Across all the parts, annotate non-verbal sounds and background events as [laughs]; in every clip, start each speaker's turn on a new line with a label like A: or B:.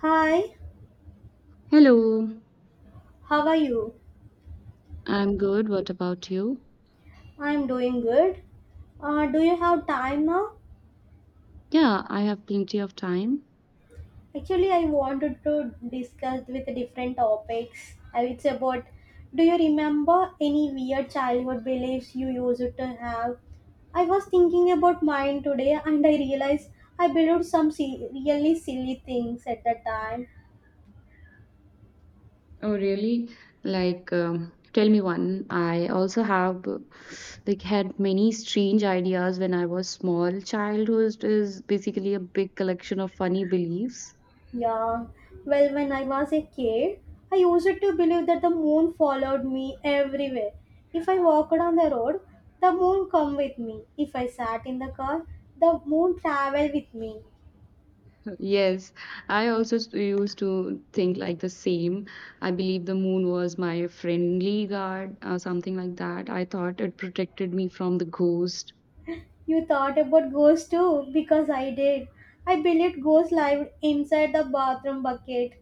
A: Hi,
B: Hello,
A: how are you?
B: I'm good. What about you?
A: I'm doing good. Do you have time now?
B: Yeah, I have plenty of time.
A: Actually, I wanted to discuss with different topics. It's about Do you remember any weird childhood beliefs you used to have? I was thinking about mine today and I realized I believed some really silly things at the time.
B: Oh, really? Like, tell me one. I also have like had many strange ideas when I was small. Childhood is basically a big collection of funny beliefs.
A: Yeah, well, when I was a kid, I used to believe that the moon followed me everywhere. If I walked on the road, the moon come with me. If I sat in the car, the moon traveled with me.
B: Yes, I also used to think like the same. I believe the moon was my friendly guard, something like that. I thought it protected me from the ghost.
A: You thought about ghosts too, because I did. I believed ghosts lived inside the bathroom bucket.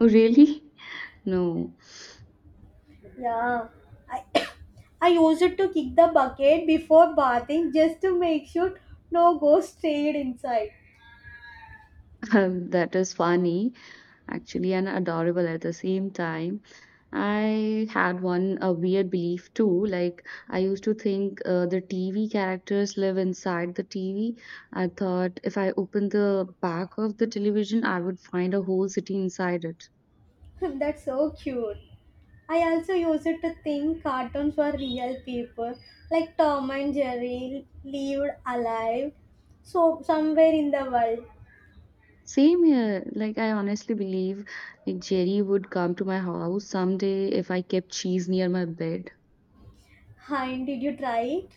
B: Oh, really? [laughs] No.
A: Yeah, I [coughs] I used to kick the bucket before bathing just to make sure no ghost stayed inside.
B: [laughs] That is funny, actually, and adorable at the same time. I had one a weird belief too. Like I used to think the TV characters live inside the TV. I thought if I opened the back of the television, I would find a whole city inside it.
A: [laughs] That's so cute. I also used it to think cartoons were real people, like Tom and Jerry lived alive, so somewhere in the world.
B: Same here. Like I honestly believe like Jerry would come to my house someday if I kept cheese near my bed.
A: Hein, did you try it?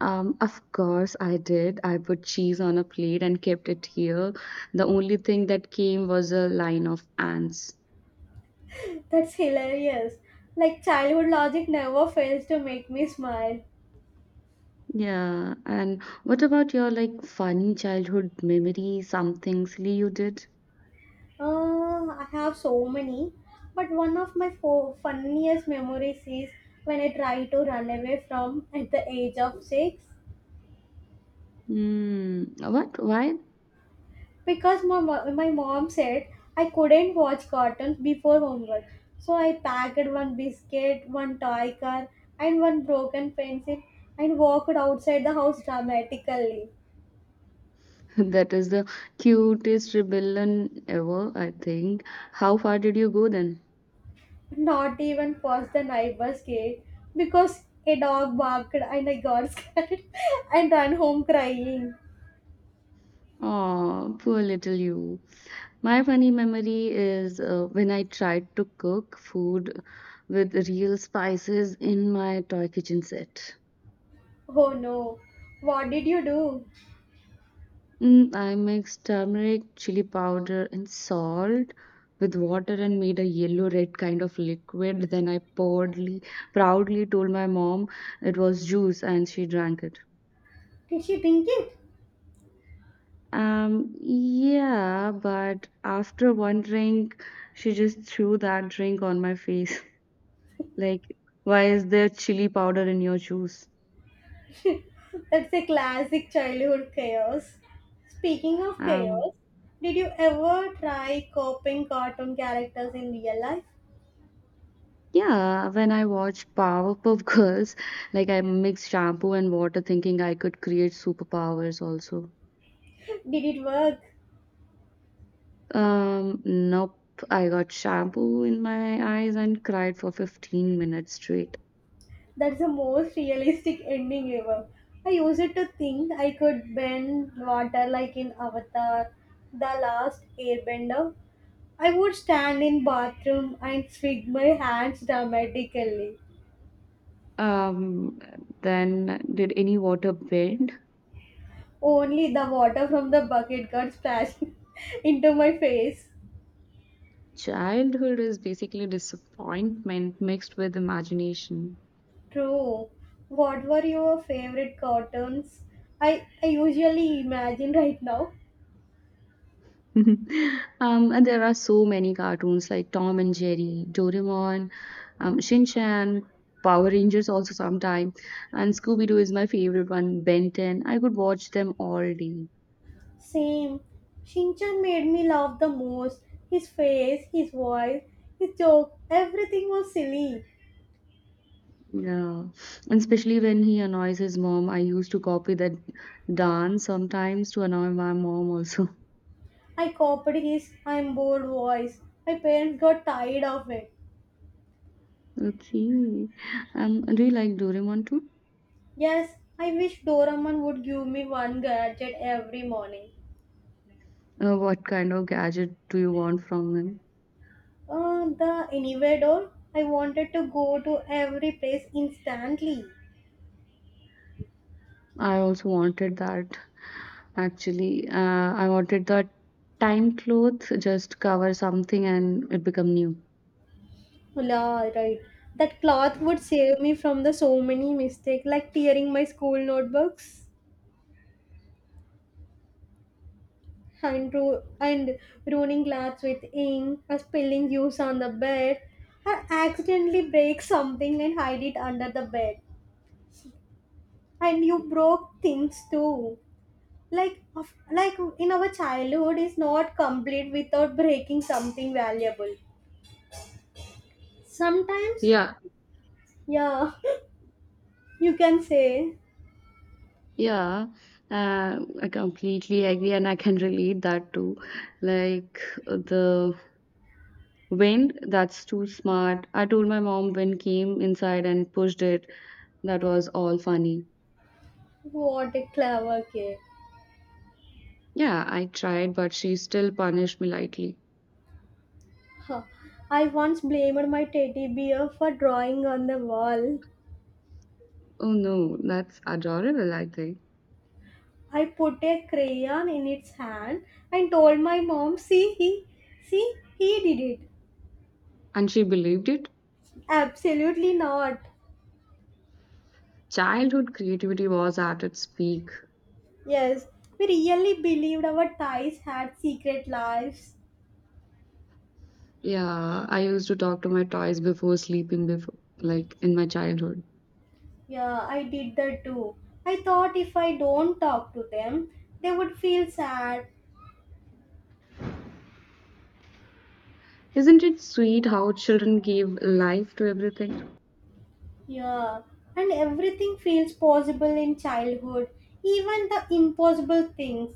B: Of course, I did. I put cheese on a plate and kept it here. The only thing that came was a line of ants.
A: That's hilarious. Like childhood logic never fails to make me smile.
B: Yeah, and what about your like funny childhood memory, something silly you did?
A: I have so many, but one of my funniest memories is when I tried to run away from at the age of six.
B: Hmm, what? Why?
A: Because my mom said I couldn't watch cartoons before homework. So I packed one biscuit, one toy car, and one broken pencil and walked outside the house dramatically.
B: [laughs] That is the cutest rebellion ever, I think. How far did you go then?
A: Not even past the neighbor's gate because a dog barked and I got [laughs] scared and ran home crying.
B: Oh, poor little you. My funny memory is when I tried to cook food with real spices in my toy kitchen set.
A: Oh no, what did you do?
B: Mm, I mixed turmeric, chili powder, and salt with water and made a yellow red kind of liquid. Then I proudly told my mom it was juice and she drank it.
A: Did she drink it?
B: Yeah, but after one drink, she just threw that drink on my face. [laughs] Like, why is there chili powder in your juice?
A: That's a classic childhood chaos. Speaking of chaos,
B: Um,
A: did you ever try copying cartoon characters in real life?
B: yeah, when I watch Powerpuff [laughs] Girls, like I mix shampoo and water thinking I could create superpowers also.
A: Did it work?
B: Nope. I got shampoo in my eyes and cried for 15 minutes straight.
A: That's the most realistic ending ever. I used to think I could bend water like in Avatar, The Last Airbender. I would stand in bathroom and swing my hands dramatically.
B: Um, then did any water bend?
A: Only the water from the bucket got splashed [laughs] into my face.
B: Childhood is basically disappointment mixed with imagination.
A: True. What were your favorite cartoons? I usually imagine right now.
B: [laughs] And there are so many cartoons like Tom and Jerry, Doraemon, Shin Chan, Power Rangers also sometimes, and Scooby Doo is my favorite one. Ben 10. I could watch them all day.
A: Same. Shinchan made me laugh the most. His face, his voice, his joke, everything was silly.
B: Yeah, and especially when he annoys his mom, I used to copy that dance sometimes to annoy my mom also. [laughs]
A: I copied his I'm bored voice. My parents got tired of it.
B: Okay, do you like Doraemon too?
A: Yes, I wish Doraemon would give me one gadget every morning.
B: What kind of gadget do you want from him?
A: The anywhere door. I wanted to go to every place instantly.
B: I also wanted that. Actually, I wanted that time cloth just cover something and it become new.
A: La, right. That cloth would save me from the so many mistakes, like tearing my school notebooks and ruining glass with ink, or spilling juice on the bed, or accidentally break something and hide it under the bed. And you broke things too. Like in our childhood is not complete without breaking something valuable. Sometimes,
B: Yeah,
A: yeah, [laughs] you can say,
B: yeah, I completely agree, and I can relate that too. Like the wind, that's too smart. I told my mom wind came inside and pushed it. That was all funny.
A: what a clever kid.
B: Yeah, I tried, but she still punished me lightly.
A: Huh. I once blamed my teddy bear for drawing on the wall.
B: Oh no, that's adorable, I think.
A: I put a crayon in its hand and told my mom, see he did it.
B: And she believed it.
A: Absolutely not.
B: Childhood creativity was at its peak.
A: Yes, we really believed our ties had secret lives.
B: Yeah, I used to talk to my toys before sleeping, before, like in my childhood.
A: Yeah, I did that too. I thought if I don't talk to them, they would feel sad.
B: Isn't it sweet how children give life to everything?
A: Yeah, and everything feels possible in childhood, even the impossible things.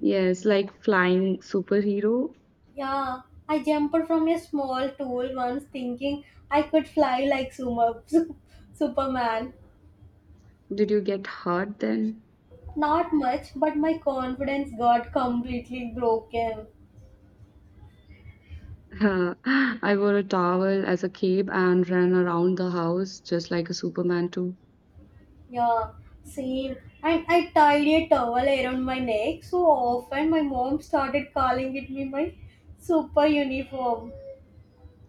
B: Yes, like flying superhero.
A: Yeah, I jumped from a small tool once thinking I could fly like Suma, [laughs] Superman.
B: Did you get hurt then? [laughs]
A: Not much, but my confidence got completely broken.
B: Huh. I wore a towel as a cape and ran around the house just like a Superman too.
A: Yeah, same. And I tied a towel around my neck so often my mom started calling it me my super uniform.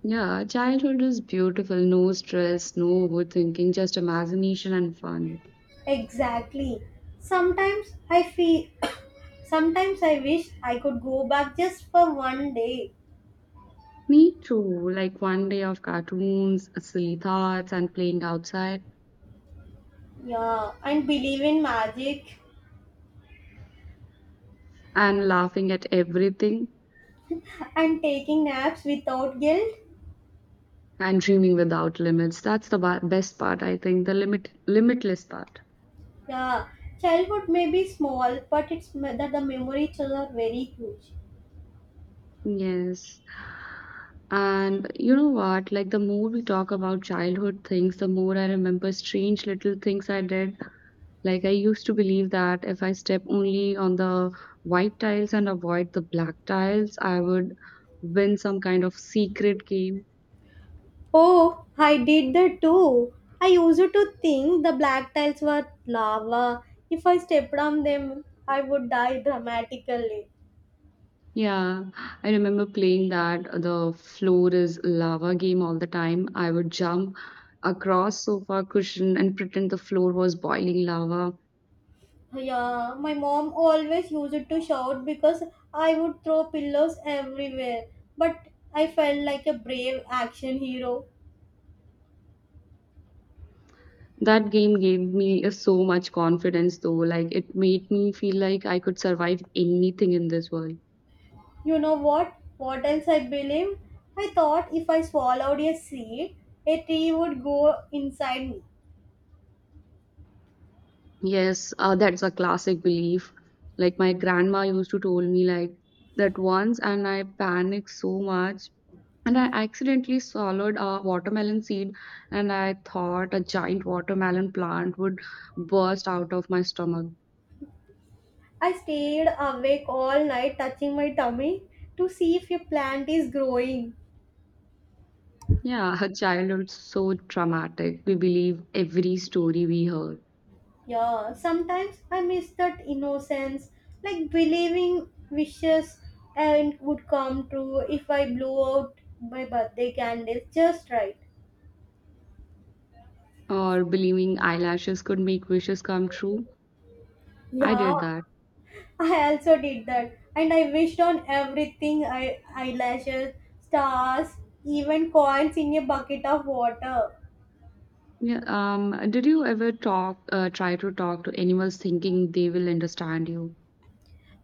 B: Yeah, childhood is beautiful. No stress, no overthinking, just imagination and fun.
A: Exactly. Sometimes I feel [coughs] sometimes I wish I could go back just for one day.
B: Me too. Like one day of cartoons, silly thoughts, and playing outside.
A: Yeah, and believe in magic.
B: And laughing at everything
A: And taking naps without guilt.
B: and dreaming without limits. That's the best part, I think, the limitless part.
A: Yeah, childhood may be small, but that the memories are very huge.
B: Yes. And you know what? Like the more we talk about childhood things, the more I remember strange little things I did. Like I used to believe that if I step only on the white tiles and avoid the black tiles, I would win some kind of secret game.
A: Oh, I did that too. I used to think the black tiles were lava. If I stepped on them, I would die dramatically.
B: Yeah, I remember playing that. The floor is lava game all the time. I would jump across sofa cushion and pretend the floor was boiling lava.
A: Yeah, my mom always used to shout because I would throw pillows everywhere. But I felt like a brave action hero.
B: That game gave me so much confidence though. Like it made me feel like I could survive anything in this world.
A: You know what? What else I believe? I thought if I swallowed a seed, a tree would go inside me.
B: Yes, that's a classic belief. Like my grandma used to told me like that once, and I panicked so much, and I accidentally swallowed a watermelon seed, and I thought a giant watermelon plant would burst out of my stomach.
A: I stayed awake all night touching my tummy to see if a plant is growing.
B: Yeah, [laughs] her childhood's so traumatic. We believe every story we heard,
A: Yeah, sometimes I miss that innocence, like believing wishes and would come true if I blew out my birthday candles just right.
B: or believing eyelashes could make wishes come true. I
A: Yeah,
B: did that.
A: I also did that, and I wished on everything eyelashes, stars, even coins in a bucket of water.
B: Yeah, did you ever try to talk to animals thinking they will understand you?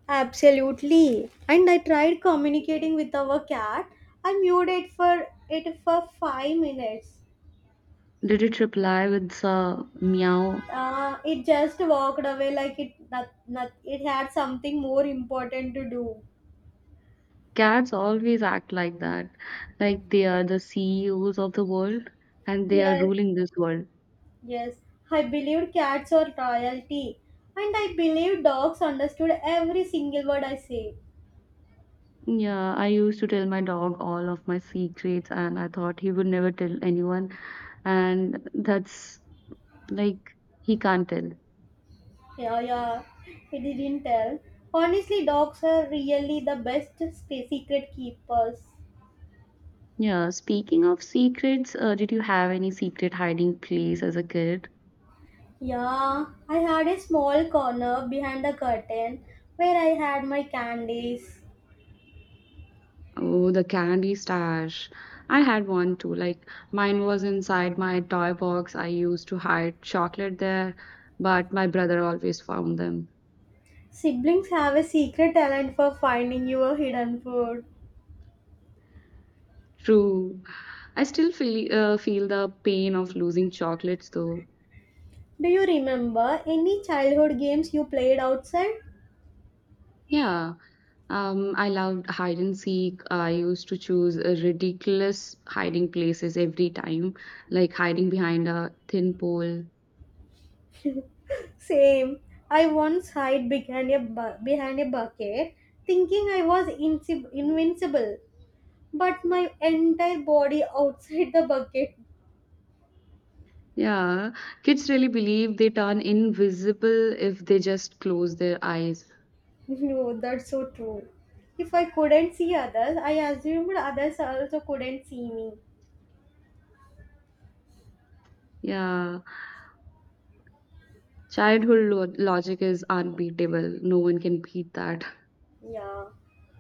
A: Absolutely. And I tried communicating with our cat. I mewed it for 5 minutes.
B: Did it reply with a meow?
A: It just walked away like it not, not, it had something more important to do.
B: Cats always act like that, like they are the CEOs of the world and they are
A: Yes,
B: ruling this world.
A: yes. I believed cats are royalty, and I believed dogs understood every single word I said.
B: Yeah, I used to tell my dog all of my secrets, and I thought he would never tell anyone, and that's like he can't tell.
A: Yeah, yeah, he didn't tell. Honestly, dogs are really the best secret keepers.
B: Yeah, speaking of secrets, did you have any secret hiding place as a kid?
A: Yeah, I had a small corner behind the curtain where I had my candies.
B: Oh, the candy stash. I had one too. Like mine was inside my toy box. I used to hide chocolate there, but my brother always found them.
A: Siblings have a secret talent for finding your hidden food.
B: True. I still feel the pain of losing chocolates though.
A: Do you remember any childhood games you played outside?
B: Yeah. I loved hide and seek. I used to choose ridiculous hiding places every time, like hiding behind a thin pole.
A: Same. I once hid behind a bucket, thinking I was invincible. But my entire body outside the bucket.
B: Yeah, kids really believe they turn invisible if they just close their eyes.
A: [laughs] No, that's so true. If I couldn't see others, I assumed others also couldn't see me.
B: Yeah, childhood logic is unbeatable. No one can beat that.
A: Yeah.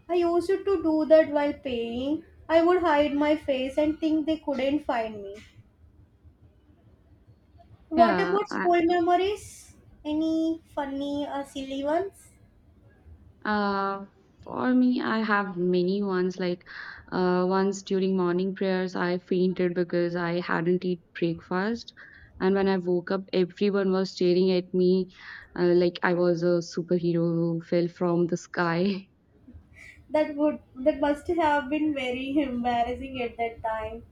A: I used to do that while paying. I would hide my face and think they couldn't find me. What
B: Yeah,
A: about school memories? Any funny or silly ones?
B: uh, for me, I have many ones. Like, once during morning prayers, I fainted because I hadn't eaten breakfast. And when I woke up, everyone was staring at me like I was a superhero who fell from the sky. [laughs]
A: That must have been very [laughs] embarrassing at that time.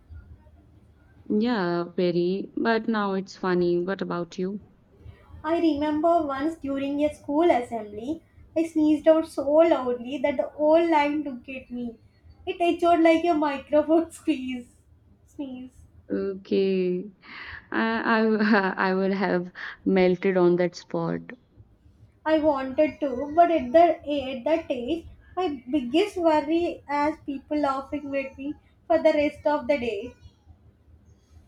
B: Yeah, very. But now it's funny. What about you?
A: I remember once during a school assembly, I sneezed out so loudly that the whole line looked at me. It echoed like a microphone [laughs] squeeze. Sneeze.
B: Okay. [laughs] I would have melted on that spot.
A: I wanted to, but at that age, my biggest worry as people laughing with me for the rest of the day.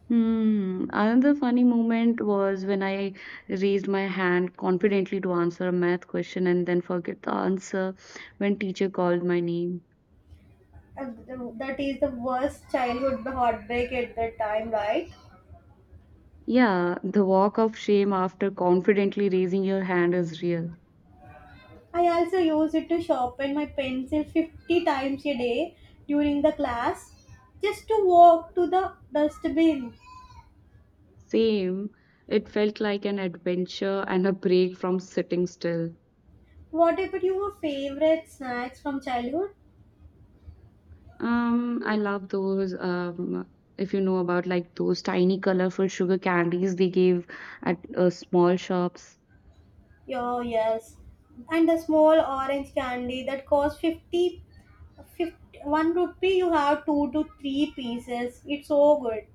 B: Hmm. Another funny moment was when I raised my hand confidently to answer a math question and then forget the answer when teacher called my name.
A: And that is the worst childhood heartbreak at that time, right?
B: Yeah, the walk of shame after confidently raising your hand is real.
A: I also use it to sharpen my pencil 50 times a day during the class just to walk to the dustbin.
B: Same. It felt like an adventure and a break from sitting still.
A: What about your favorite snacks from childhood?
B: I love those. If you know about like those tiny colorful sugar candies they gave at small shops.
A: Oh, yes. And the small orange candy that costs 50, 51 rupee, you have 2 to 3 pieces. It's so good.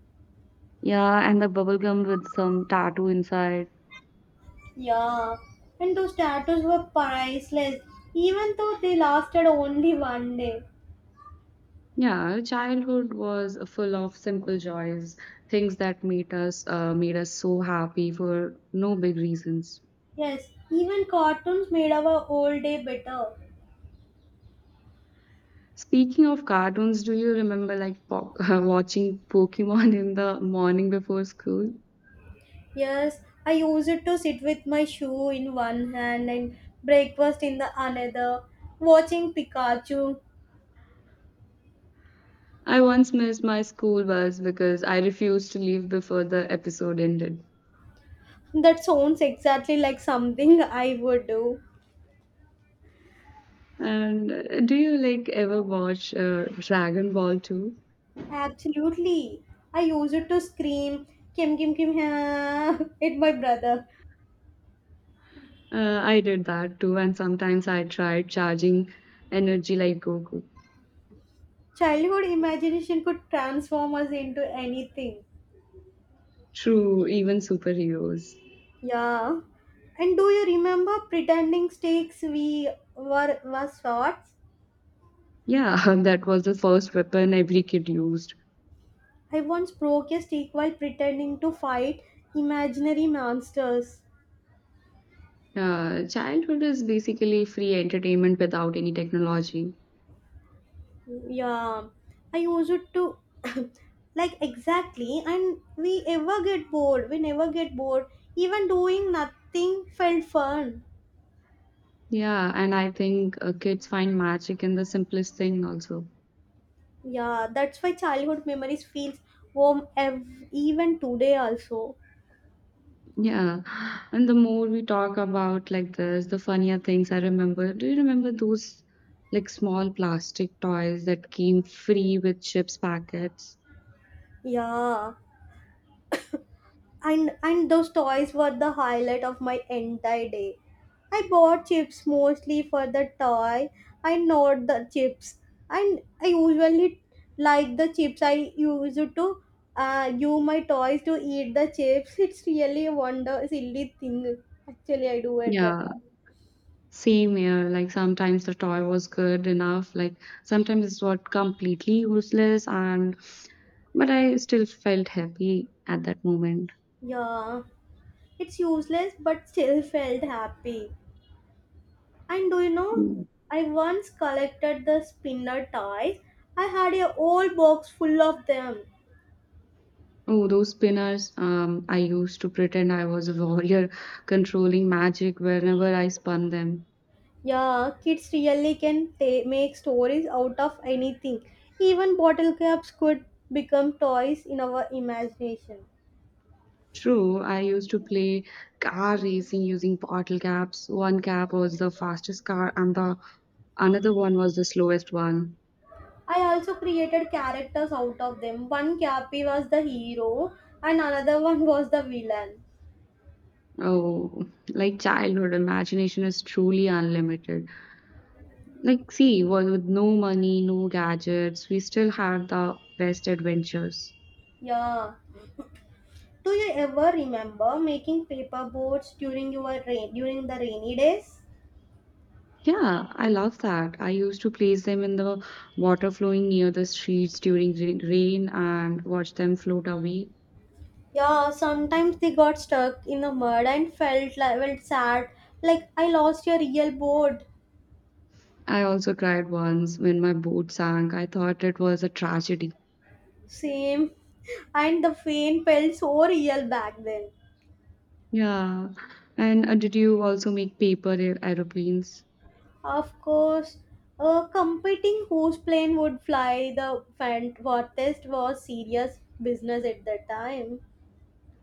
B: Yeah, and the bubble gum with some tattoo inside.
A: Yeah. And those tattoos were priceless, even though they lasted only one day.
B: Yeah, childhood was full of simple joys, things that made us so happy for no big reasons.
A: Yes, even cartoons made our whole day better.
B: Speaking of cartoons, do you remember like po [laughs] watching Pokemon in the morning before school?
A: Yes, I used it to sit with my shoe in one hand and breakfast in the another, watching Pikachu.
B: I once missed my school bus because I refused to leave before the episode ended.
A: That sounds exactly like something [laughs] I would do.
B: And do you like ever watch Dragon Ball too?
A: Absolutely. I used it to scream Kim Kim Kim ha [laughs] at my brother.
B: I did that too, and sometimes I tried charging energy like Goku.
A: Childhood imagination could transform us into anything.
B: True, even superheroes.
A: Yeah. And do you remember pretending stakes we were was swords?
B: Yeah, [laughs] that was the first weapon every kid used.
A: I once broke a stake while pretending to fight imaginary monsters.
B: Childhood is basically free entertainment without any technology.
A: Yeah. I used it to [coughs] [laughs] like exactly and we ever get bored. We never get bored. Even doing nothing felt fun.
B: Yeah, and I think kids find magic in the simplest thing also.
A: Yeah, that's why childhood memories feels warm even today also.
B: Yeah, and the more we talk about like this, the funnier things I remember. Do you remember those like small plastic toys that came free with chips packets?
A: Yeah. And those toys were the highlight of my entire day. I bought chips mostly for the toy, I not the chips. And I usually like the chips. I used to use my toys to eat the chips. It's really a wonder silly thing actually I do at that
B: Yeah,
A: time.
B: same here. Like sometimes the toy was good enough, like sometimes it's what completely useless and but I still felt happy at that moment.
A: Yeah, it's useless but still felt happy. And do you know,
B: Mm.
A: I once collected the spinner toys. I had a whole box full of them.
B: Oh, those spinners. I used to pretend I was a warrior [laughs] controlling magic whenever I spun them.
A: Yeah, kids really can make stories out of anything. Even bottle caps could become toys in our imagination.
B: True, I used to play car racing using bottle caps. One cap was the fastest car and the another one was the slowest one.
A: I also created characters out of them. One Cappy was the hero, and another one was the villain.
B: Oh, like childhood imagination is truly unlimited. Like see, with no money, no gadgets, we still had the best adventures.
A: Yeah. Do you ever remember making paper boats during the rainy days?
B: Yeah, I love that. I used to place them in the water flowing near the streets during rain and watch them float away.
A: Yeah, sometimes they got stuck in the mud and felt sad. Like I lost a real boat.
B: I also cried once when my boat sank. I thought it was a tragedy.
A: Same. And the fame felt so real back then.
B: Yeah. And did you also make paper aeroplanes?
A: Of course, a competing whose plane would fly the test was serious business at that time.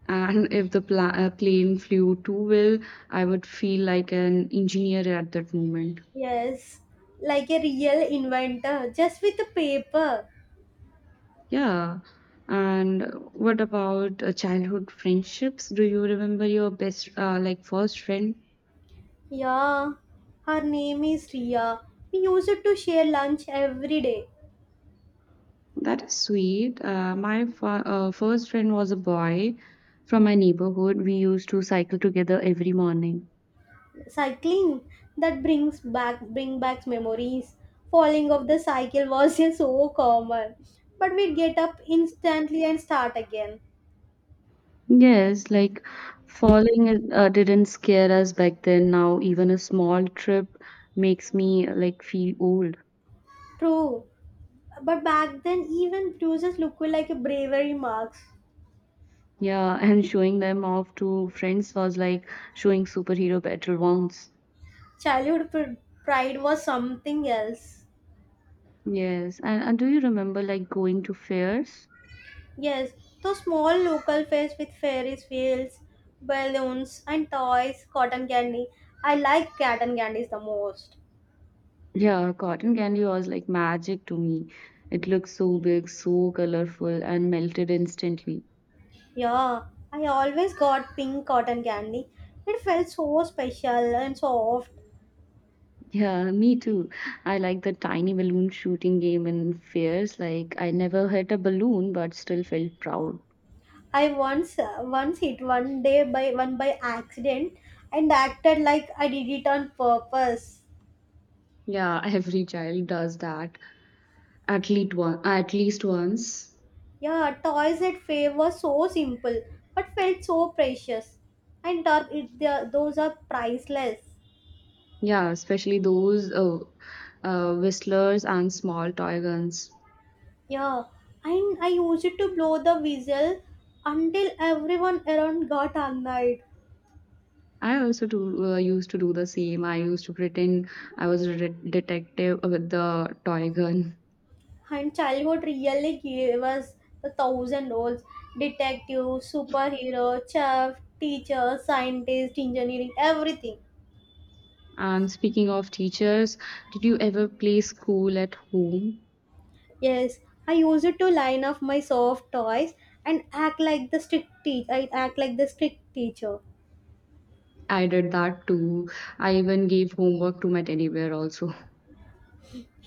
B: And if the plane flew too well, I would feel like an engineer at that moment.
A: Yes, like a real inventor, just with a paper.
B: Yeah. And what about childhood friendships? Do you remember your best, like, first friend?
A: Yeah, her name is Ria. We used to share lunch every day.
B: That is sweet. My first friend was a boy from my neighborhood. We used to cycle together every morning.
A: Cycling, that brings back bring back memories. Falling off the cycle was [laughs] so common, but we'd get up instantly and start again.
B: Yes, like falling didn't scare us back then. Now, even a small trip makes me like feel old.
A: True, but back then even bruises looked like a bravery marks.
B: Yeah, [laughs] and showing them off to friends was like showing superhero battle wounds.
A: Childhood pride was something else.
B: Yes, and do you remember like going to fairs?
A: Yes, those small local fairs with ferris wheels, balloons, and toys, cotton candy. I like cotton candies the most.
B: Yeah, cotton candy was like magic to me. It looked so big, so colorful, and melted instantly.
A: Yeah, I always got pink cotton candy. It felt so special and soft.
B: Yeah, me too. I like the tiny balloon shooting game in fairs. Like, I never hit a balloon, but still felt proud.
A: I once once hit one day by one by accident and acted like I did it on purpose.
B: Yeah, [laughs] every child does that at least once.
A: Yeah, toys at Faye were so simple but felt so precious. And th- it, the, those are priceless.
B: Yeah, especially those whistlers and small toy guns.
A: Yeah, and I used it to blow the whistle until everyone around got annoyed.
B: I also used to do the same. I used to pretend I was a detective with the toy gun.
A: And childhood really gave us the thousand roles: detective, superhero, chef, teacher, scientist, engineering, everything.
B: And speaking of teachers, did you ever play school at home?
A: Yes, I used it to line up my soft toys and act like the strict teacher. I act like the strict teacher.
B: I did that too. I even gave homework to my teddy bear also.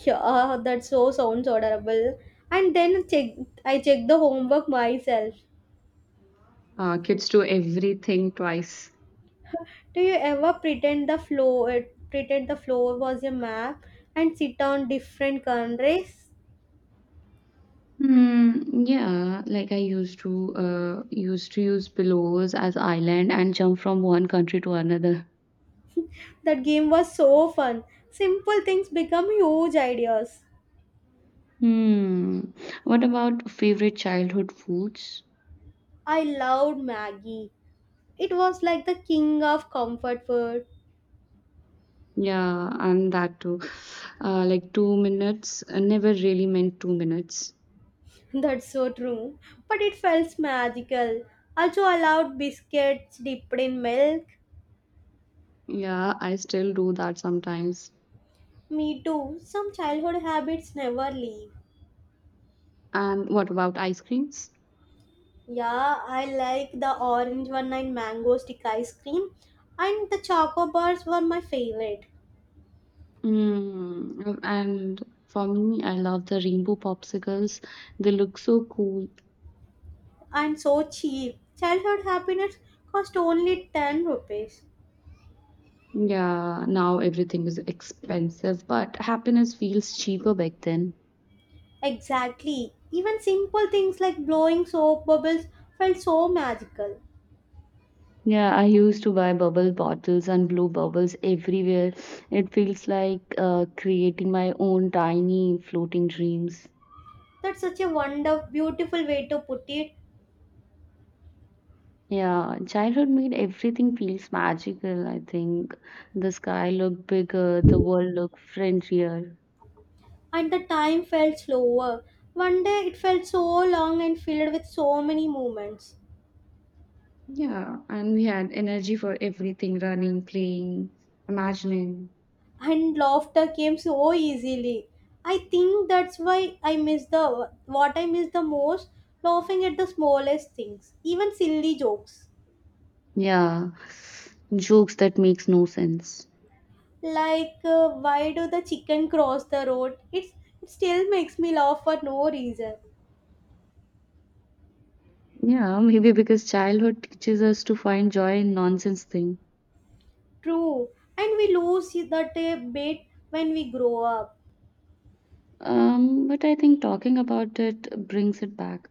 A: Yeah, that so sounds adorable. And then check, I check the homework myself.
B: Kids do everything twice.
A: Do you ever pretend the floor was a map and sit on different countries?
B: Hmm, yeah, like I used to use pillows as island and jump from one country to another.
A: That game was so fun. Simple things become huge ideas.
B: Hmm. What about favorite childhood foods?
A: I loved Maggie. It was like the king of comfort food.
B: Yeah, and that too. Like 2 minutes. I never really meant 2 minutes.
A: [laughs] That's so true. But it felt magical. Also, I loved biscuits dipped in milk.
B: Yeah, I still do that sometimes.
A: Me too. Some childhood habits never leave.
B: And what about ice creams?
A: Yeah, I like the orange one and mango stick ice cream. And the choco bars were my favorite.
B: Mm, and for me, I love the rainbow popsicles. They look so cool.
A: And so cheap. Childhood happiness cost only 10 rupees.
B: Yeah, now everything is expensive, but happiness feels cheaper back then.
A: Exactly. Even simple things like blowing soap bubbles felt so magical.
B: Yeah, I used to buy bubble bottles and blue bubbles everywhere. It feels like creating my own tiny floating dreams.
A: That's such a wonder, beautiful way to put it.
B: Yeah, childhood made everything feels magical, I think. The sky looked bigger, the world looked friendlier.
A: And the time felt slower. One day it felt so long and filled with so many moments.
B: Yeah, and we had energy for everything, running, playing, imagining.
A: And laughter came so easily. I think that's why I miss the what I miss the most, laughing at the smallest things, even silly jokes.
B: Yeah, jokes that makes no sense.
A: Like, why do the chicken cross the road? It still makes me laugh for no reason.
B: Yeah, maybe because childhood teaches us to find joy in nonsense thing.
A: True. And we lose that bit when we grow up.
B: But I think talking about it brings it back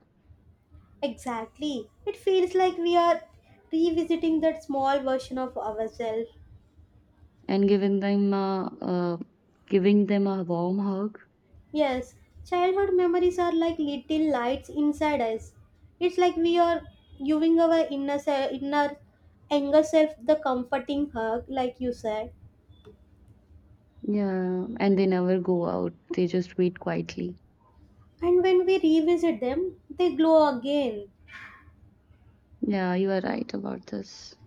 A: Exactly. It feels like we are revisiting that small version of ourselves.
B: and giving them a warm hug.
A: Yes, childhood memories are like little lights inside us. It's like we are giving our inner younger self the comforting hug, like you said.
B: Yeah, and they never go out. They just wait quietly.
A: And when we revisit them, they glow again.
B: Yeah, you are right about this.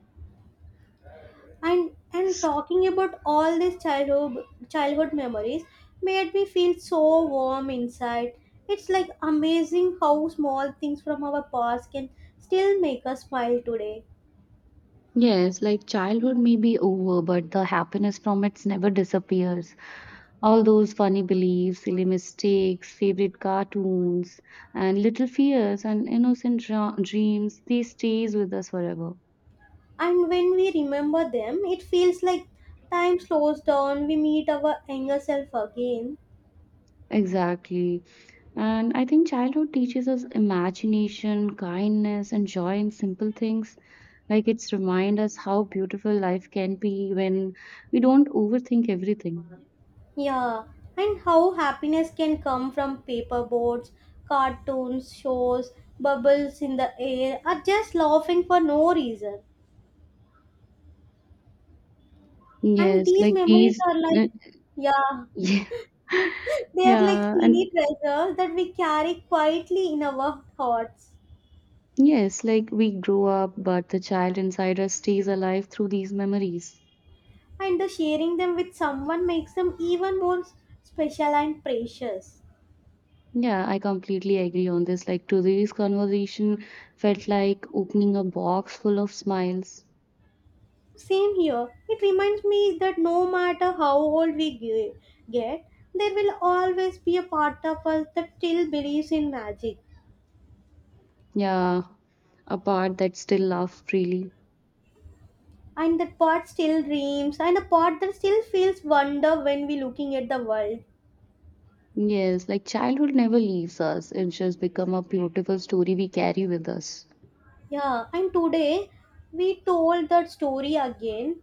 A: And talking about all these childhood memories made me feel so warm inside. It's like amazing how small things from our past can still make us smile today.
B: Yes, like childhood may be over, but the happiness from it never disappears. All those funny beliefs, silly mistakes, favorite cartoons, and little fears and innocent dreams, they stays with us forever.
A: And when we remember them, it feels like time slows down. We meet our younger self again.
B: Exactly. And I think childhood teaches us imagination, kindness, and joy in simple things. Like it's remind us how beautiful life can be when we don't overthink everything.
A: Yeah, and how happiness can come from paper boards, cartoons shows, bubbles in the air, or just laughing for no reason. And
B: Yes,
A: these
B: like
A: memories
B: these.
A: are like, yeah,
B: [laughs] Yeah.
A: [laughs] they are like
B: Yeah, and
A: teeny treasures that we carry quietly in our hearts.
B: yes, like we grow up, but the child inside us stays alive through these memories.
A: And the sharing them with someone makes them even more special and precious.
B: Yeah, I completely agree on this. Like today's conversation felt like opening a box full of smiles.
A: Same here. It reminds me that no matter how old get, there will always be a part of us that still believes in magic.
B: Yeah, a part that still laughs freely.
A: And that part still dreams, and a part that still feels wonder when we looking at the world.
B: Yes, like childhood never leaves us. It just become a beautiful story we carry with us.
A: Yeah, and today we told that story again.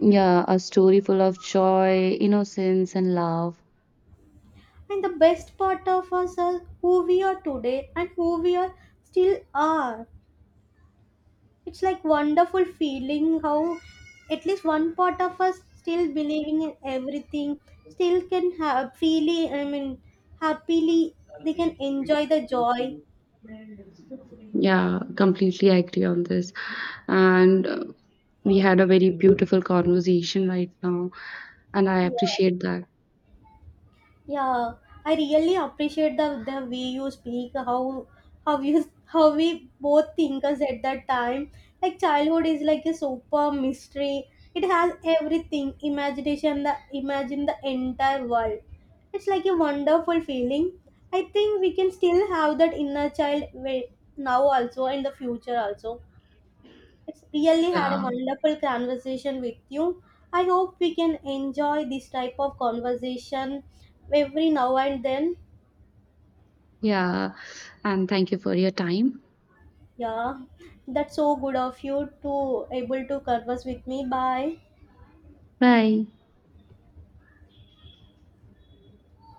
B: Yeah, a story full of joy, innocence, and love.
A: And the best part of us are who we are today and who we are still are. It's like wonderful feeling how at least one part of us still believing in everything, still can have freely, I mean happily, they can enjoy the joy.
B: Yeah, completely agree on this. And we had a very beautiful conversation right now, and I
A: Yeah.
B: appreciate that.
A: Yeah, I really appreciate the way you speak, how you [laughs] how we both think us at that time. Like childhood is like a super mystery. It has everything, imagination, the entire world. It's like a wonderful feeling. I think we can still have that inner child now also, in the future also. It's really had a
B: Yeah,
A: wonderful conversation with you. I hope we can enjoy this type of conversation every now and then.
B: yeah. And thank you for your time.
A: Yeah, that's so good of you to able to converse with me. Bye.
B: Bye.